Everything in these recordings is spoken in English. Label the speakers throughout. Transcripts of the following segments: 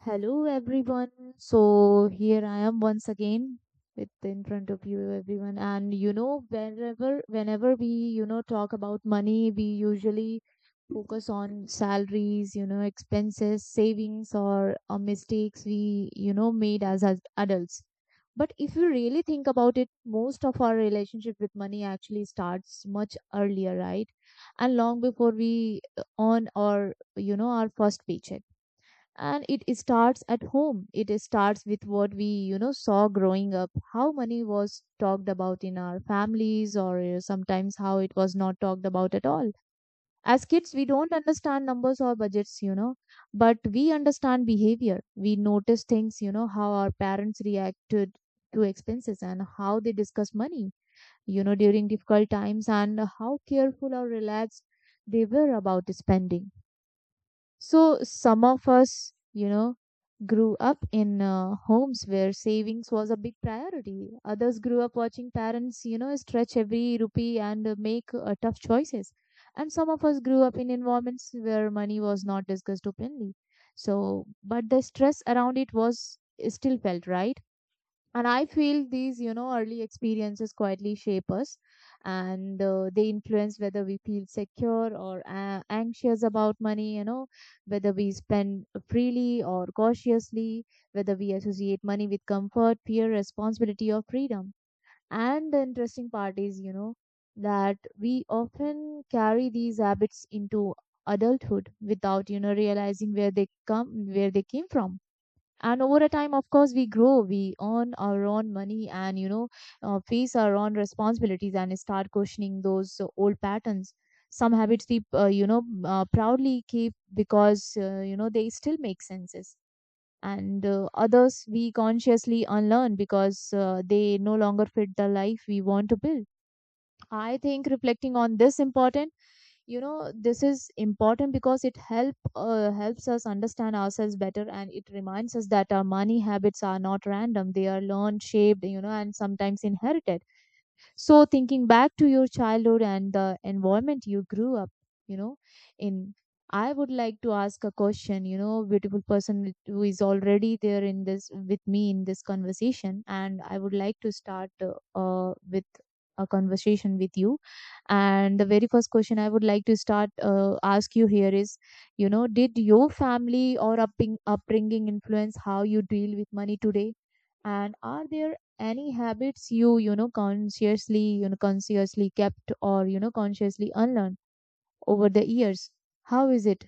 Speaker 1: Hello, everyone. So here I am once again with in front of you, everyone. And you know, whenever we talk about money, we usually focus on salaries, expenses, savings, or mistakes we made as adults. But if you really think about it, most of our relationship with money actually starts much earlier, right? And long before we earn or our first paycheck. And it starts at home. It starts with what we saw growing up, how money was talked about in our families, or sometimes how it was not talked about at all. As kids, we don't understand numbers or budgets, you know, but we understand behavior. We notice things, you know, how our parents reacted to expenses and how they discuss money, you know, during difficult times, and how careful or relaxed they were about spending. So some of us, you know, grew up in homes where savings was a big priority. Others grew up watching parents, you know, stretch every rupee and make tough choices. And some of us grew up in environments where money was not discussed openly. So, but the stress around it was still felt, right? And I feel these, you know, early experiences quietly shape us, and they influence whether we feel secure or anxious about money, you know, whether we spend freely or cautiously, whether we associate money with comfort, fear, responsibility, or freedom. And the interesting part is, you know, that we often carry these habits into adulthood without, you know, realizing where they come where they came from. And over a time, of course, we grow, we earn our own money, and face our own responsibilities and start questioning those old patterns. Some habits we proudly keep because, you know, they still make senses. And others we consciously unlearn because they no longer fit the life we want to build. I think reflecting on this important, you know, this is important because it helps us understand ourselves better, and it reminds us that our money habits are not random. They are learned, shaped, you know, and sometimes inherited. So thinking back to your childhood and the environment you grew up, you know, in, I would like to ask a question, you know, beautiful person who is already there in this with me in this conversation. And I would like to start with a conversation with you. And the very first question I would like to start ask you here is, you know, did your family or upbringing influence how you deal with money today? And are there any habits you, you know, consciously kept or, you know, consciously unlearned over the years? How is it?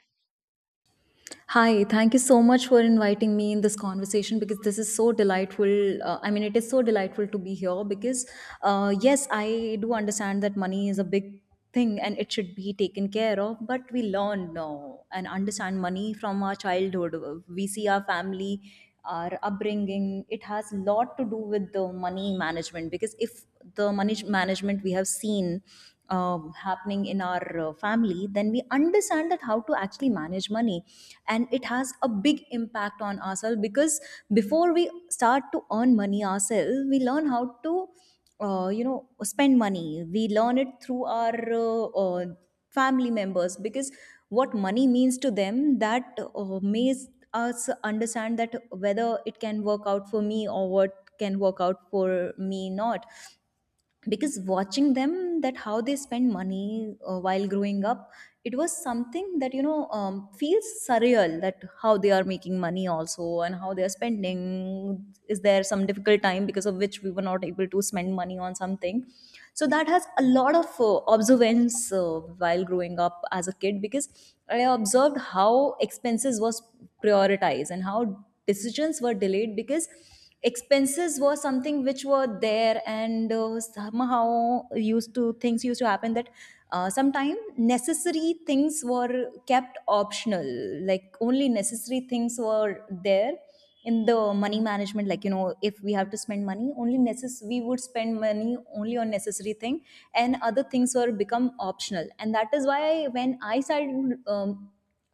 Speaker 2: Hi, thank you so much for inviting me in this conversation because this is so delightful. It is so delightful to be here because, yes, I do understand that money is a big thing and it should be taken care of, but we learn now and understand money from our childhood. We see our family, our upbringing. It has a lot to do with the money management because if the money management we have seen happening in our family, then we understand that how to actually manage money, and it has a big impact on ourselves because before we start to earn money ourselves, we learn how to, spend money. We learn it through our family members because what money means to them that makes us understand that whether it can work out for me or what can work out for me not because watching them that how they spend money while growing up it was something that feels surreal that how they are making money also and how they are spending is there some difficult time because of which we were not able to spend money on something, so that has a lot of observance while growing up as a kid because I observed how expenses was prioritized and how decisions were delayed because expenses were something which were there, and somehow used to things used to happen that sometime necessary things were kept optional, like only necessary things were there in the money management, like you know if we have to spend money only necess we would spend money only on necessary thing, and other things were become optional. And that is why when I started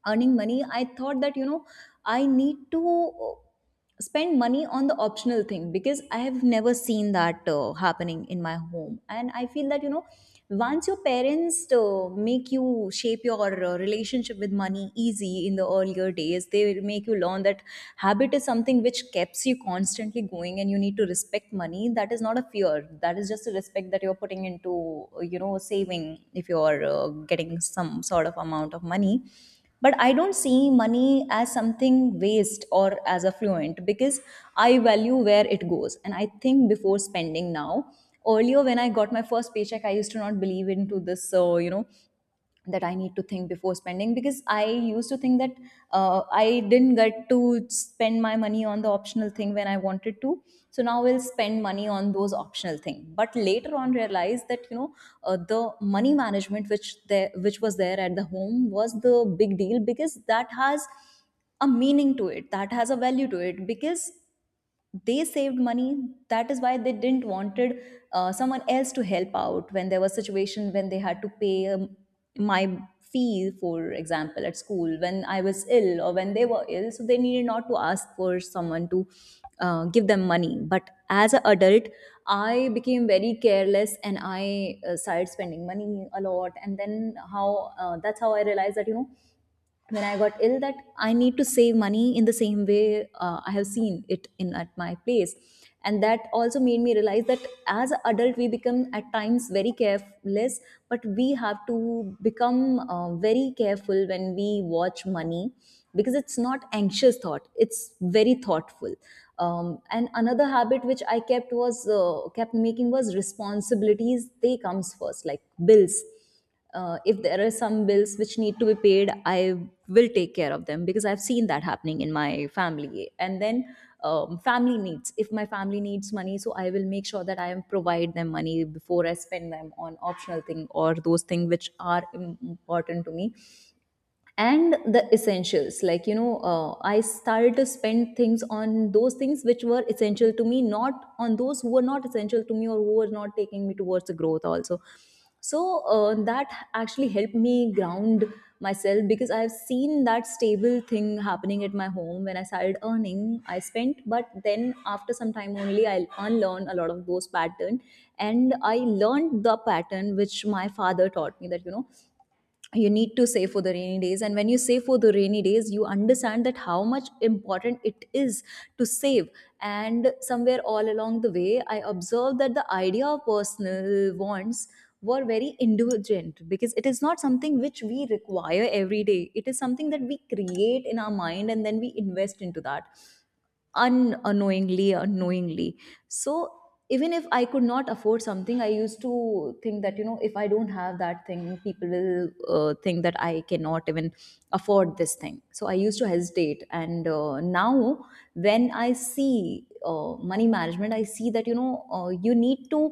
Speaker 2: earning money I thought that I need to spend money on the optional thing because I have never seen that happening in my home. And I feel that, once your parents make you shape your relationship with money easy in the earlier days, they will make you learn that habit is something which keeps you constantly going and you need to respect money. That is not a fear. That is just a respect that you're putting into, saving if you're getting some sort of amount of money, but I don't see money as something waste or as affluent because I value where it goes, and I think before spending now. Earlier, when I got my first paycheck, I used to not believe into this, so that I need to think before spending, because I used to think that I didn't get to spend my money on the optional thing when I wanted to. So now we'll spend money on those optional thing. But later on, realized that the money management which there which was there at the home was the big deal, because that has a meaning to it, that has a value to it, because they saved money. That is why they didn't wanted someone else to help out when there was situation when they had to pay my fee, for example, at school when I was ill or when they were ill, so they needed not to ask for someone to give them money. But as an adult, I became very careless and I started spending money a lot, and then how that's how I realized that when I got ill, that I need to save money in the same way I have seen it in at my place. And that also made me realize that as an adult, we become at times very careless, but we have to become very careful when we watch money, because it's not anxious thought; it's very thoughtful. And another habit which I kept was kept making was responsibilities. They comes first, like bills. If there are some bills which need to be paid, I will take care of them because I've seen that happening in my family. And then family needs, if my family needs money, so I will make sure that I am provide them money before I spend them on optional thing or those things which are important to me. And the essentials, like you know, I started to spend things on those things which were essential to me, not on those who were not essential to me or who were not taking me towards the growth also. So that actually helped me ground myself, because I've seen that stable thing happening at my home. When I started earning, I spent, but then after some time only I unlearned a lot of those pattern, and I learned the pattern which my father taught me, that you need to save for the rainy days. And when you save for the rainy days, you understand that how much important it is to save. And somewhere all along the way, I observed that the idea of personal wants were very indulgent, because it is not something which we require every day; it is something that we create in our mind and then we invest into that unknowingly or so. Even if I could not afford something, I used to think that if I don't have that thing, people will think that I cannot even afford this thing, so I used to hesitate. And now, when I see money management, I see that you need to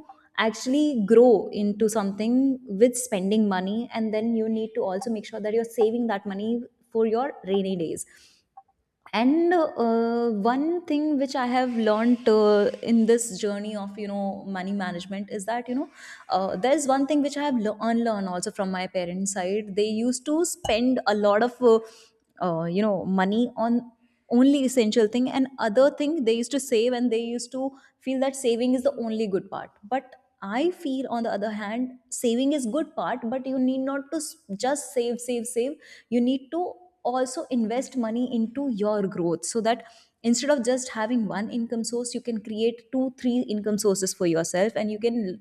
Speaker 2: actually grow into something with spending money, and then you need to also make sure that you're saving that money for your rainy days. And one thing which I have learned in this journey of money management is that there's one thing which I have unlearned also from my parents side. They used to spend a lot of money on only essential thing, and other thing they used to save, and they used to feel that saving is the only good part. But I feel on the other hand, saving is good part, but you need not to just save, save, save. You need to also invest money into your growth, so that instead of just having one income source, you can create two three income sources for yourself, and you can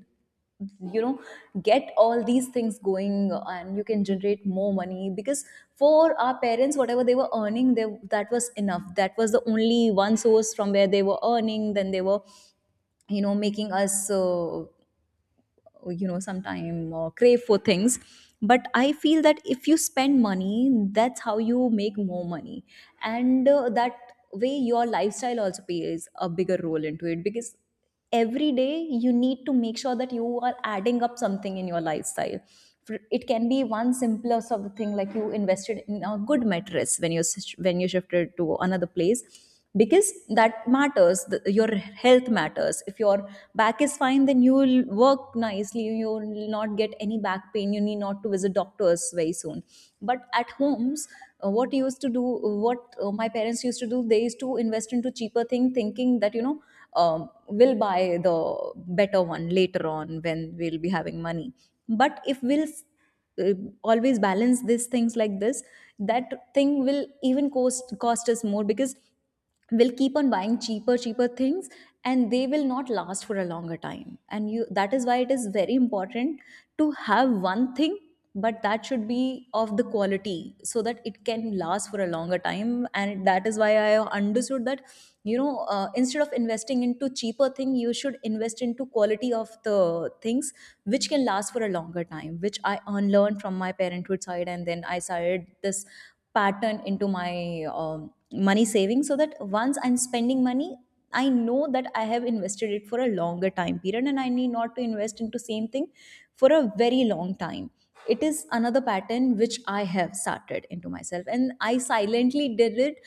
Speaker 2: you know get all these things going, and you can generate more money. Because for our parents, whatever they were earning, they, that was enough, that was the only one source from where they were earning. Then they were making us sometime crave for things. But I feel that if you spend money, that's how you make more money. And that way your lifestyle also plays a bigger role into it, because every day you need to make sure that you are adding up something in your lifestyle. It can be one simpler sort of thing, like you invested in a good mattress when you shifted to another place, because that matters the, your health matters. If your back is fine, then you will work nicely, you will not get any back pain, you need not to visit doctors very soon. But at homes, what used to do, what my parents used to do, they used to invest into cheaper thing, thinking that we'll buy the better one later on when we'll be having money. But if we'll uh, always balance these things like this, that thing will even cost us more, because will keep on buying cheaper cheaper things, and they will not last for a longer time, and you that is why it is very important to have one thing, but that should be of the quality so that it can last for a longer time. And that is why I understood that instead of investing into cheaper thing, you should invest into quality of the things which can last for a longer time, which I unlearned from my parenthood side. And then I started this pattern into my money savings, so that once I'm spending money, I know that I have invested it for a longer time period, and I need not to invest into same thing for a very long time. It is another pattern which I have started into myself, and I silently did it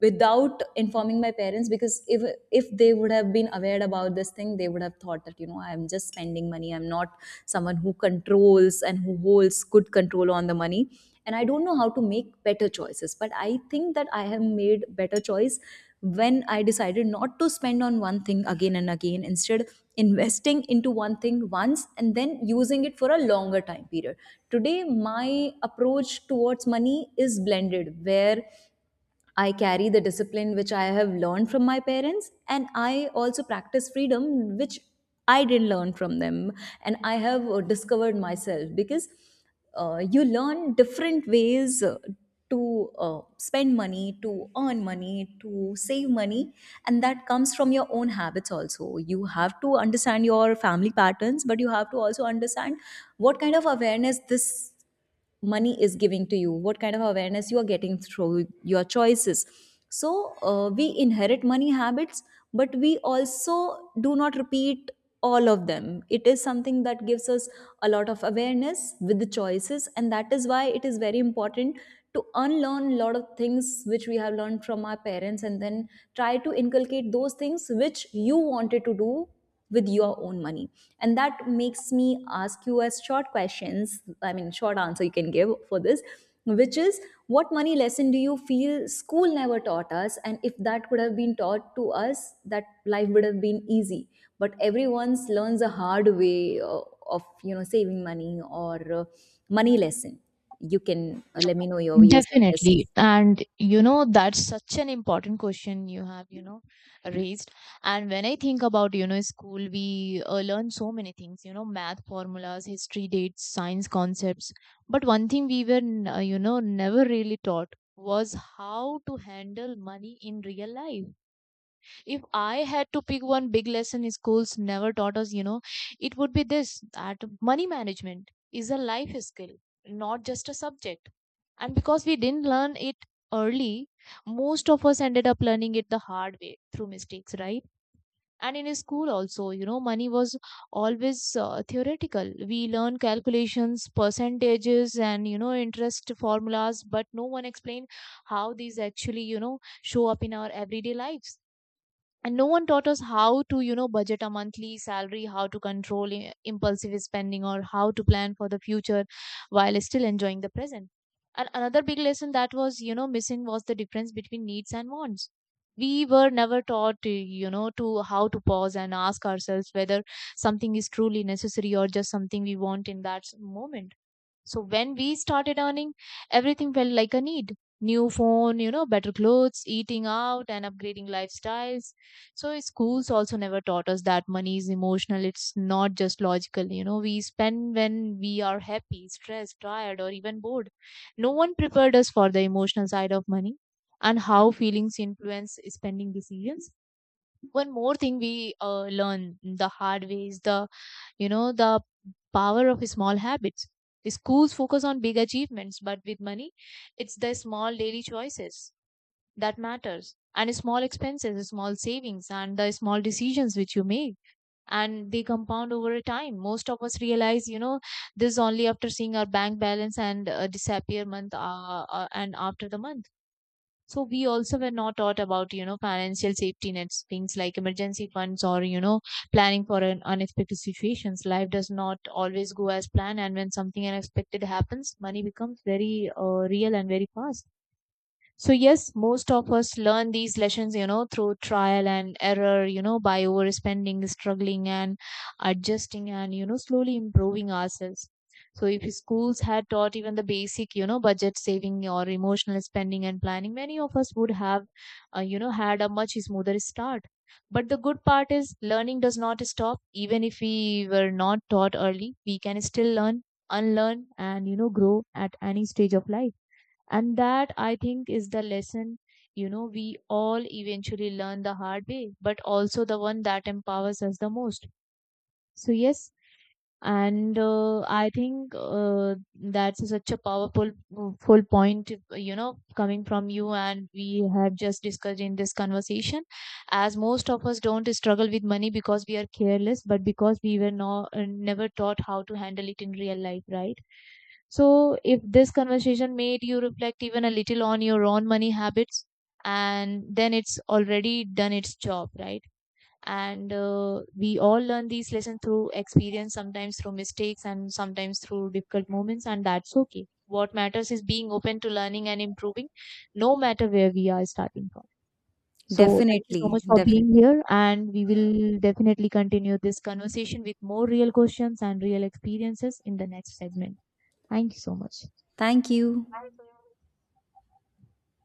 Speaker 2: without informing my parents, because if they would have been aware about this thing, they would have thought that I'm just spending money, I'm not someone who controls and who holds good control on the money and I don't know how to make better choices. But I think that I have made better choice when I decided not to spend on one thing again and again, instead investing into one thing once and then using it for a longer time period. Today my approach towards money is blended, where I carry the discipline which I have learned from my parents, and I also practice freedom which I didn't learn from them. And I have discovered myself, because you learn different ways to spend money, to earn money, to save money, and that comes from your own habits also. You have to understand your family patterns, but you have to also understand what kind of awareness this money is giving to you, what kind of awareness you are getting through your choices. So we inherit money habits, but we also do not repeat all of them. It is something that gives us a lot of awareness with the choices, and that is why it is very important to unlearn a lot of things which we have learned from our parents, and then try to inculcate those things which you wanted to do with your own money. And that makes me ask you as short questions, I mean short answer you can give for this, which is, what money lesson do you feel school never taught us, and if that could have been taught to us, that life would have been easy, but everyone's learns a hard way of saving money or money lesson. You can let me know your views on this.
Speaker 1: Definitely. And you know, that's such an important question you have, you know, raised. And when I think about, you know, school, we learn so many things, you know, math formulas, history dates, science concepts. But one thing we were, you know, never really taught was how to handle money in real life. If I had to pick one big lesson schools never taught us, you know, it would be this, that money management is a life skill, not just a subject. And because we didn't learn it early, most of us ended up learning it the hard way through mistakes, right? And in school also, you know, money was always theoretical. We learned calculations, percentages, and, you know, interest formulas, but no one explained how these actually, you know, show up in our everyday lives. And no one taught us how to, you know, budget a monthly salary, how to control impulsive spending, or how to plan for the future while still enjoying the present. And another big lesson that was, you know, missing was the difference between needs and wants. We were never taught, you know, to how to pause and ask ourselves whether something is truly necessary or just something we want in that moment. So when we started earning, everything felt like a need. New phone, you know, better clothes, eating out, and upgrading lifestyles. So schools also never taught us that money is emotional. It's not just logical. You know, we spend when we are happy, stressed, tired, or even bored. No one prepared us for the emotional side of money and how feelings influence spending decisions. One more thing we learn the hard way is the, you know, the power of small habits. Schools focus on big achievements, but with money, it's the small daily choices that matters, and small expenses, small savings, and the small decisions which you make, and they compound over a time. Most of us realize, you know, this only after seeing our bank balance and disappear month and after the month. So we also were not taught about, you know, financial safety nets, things like emergency funds or, you know, planning for an unexpected situations. Life does not always go as planned. And when something unexpected happens, money becomes very real and very fast. So, yes, most of us learn these lessons, you know, through trial and error, you know, by overspending, struggling, and adjusting and, you know, slowly improving ourselves. So, if schools had taught even the basic, you know, budget saving or emotional spending and planning, many of us would have, you know, had a much smoother start. But the good part is learning does not stop. Even if we were not taught early, we can still learn, unlearn, and, you know, grow at any stage of life. And that, I think, is the lesson, you know, we all eventually learn the hard way, but also the one that empowers us the most. So, yes, and I think that's such a powerful full point, you know, coming from you, and we have just discussed in this conversation, as most of us don't struggle with money because we are careless, but because we were never taught how to handle it in real life, right? So if this conversation made you reflect even a little on your own money habits, and then it's already done its job, right? And we all learn these lessons through experience, sometimes through mistakes and sometimes through difficult moments, and that's okay. What matters is being open to learning and improving no matter where we are starting from. So thank you so
Speaker 2: Definitely,
Speaker 1: much for being
Speaker 2: definitely.
Speaker 1: here, and we will definitely continue this conversation with more real questions and real experiences in the next segment. Thank you so much.
Speaker 2: Thank you.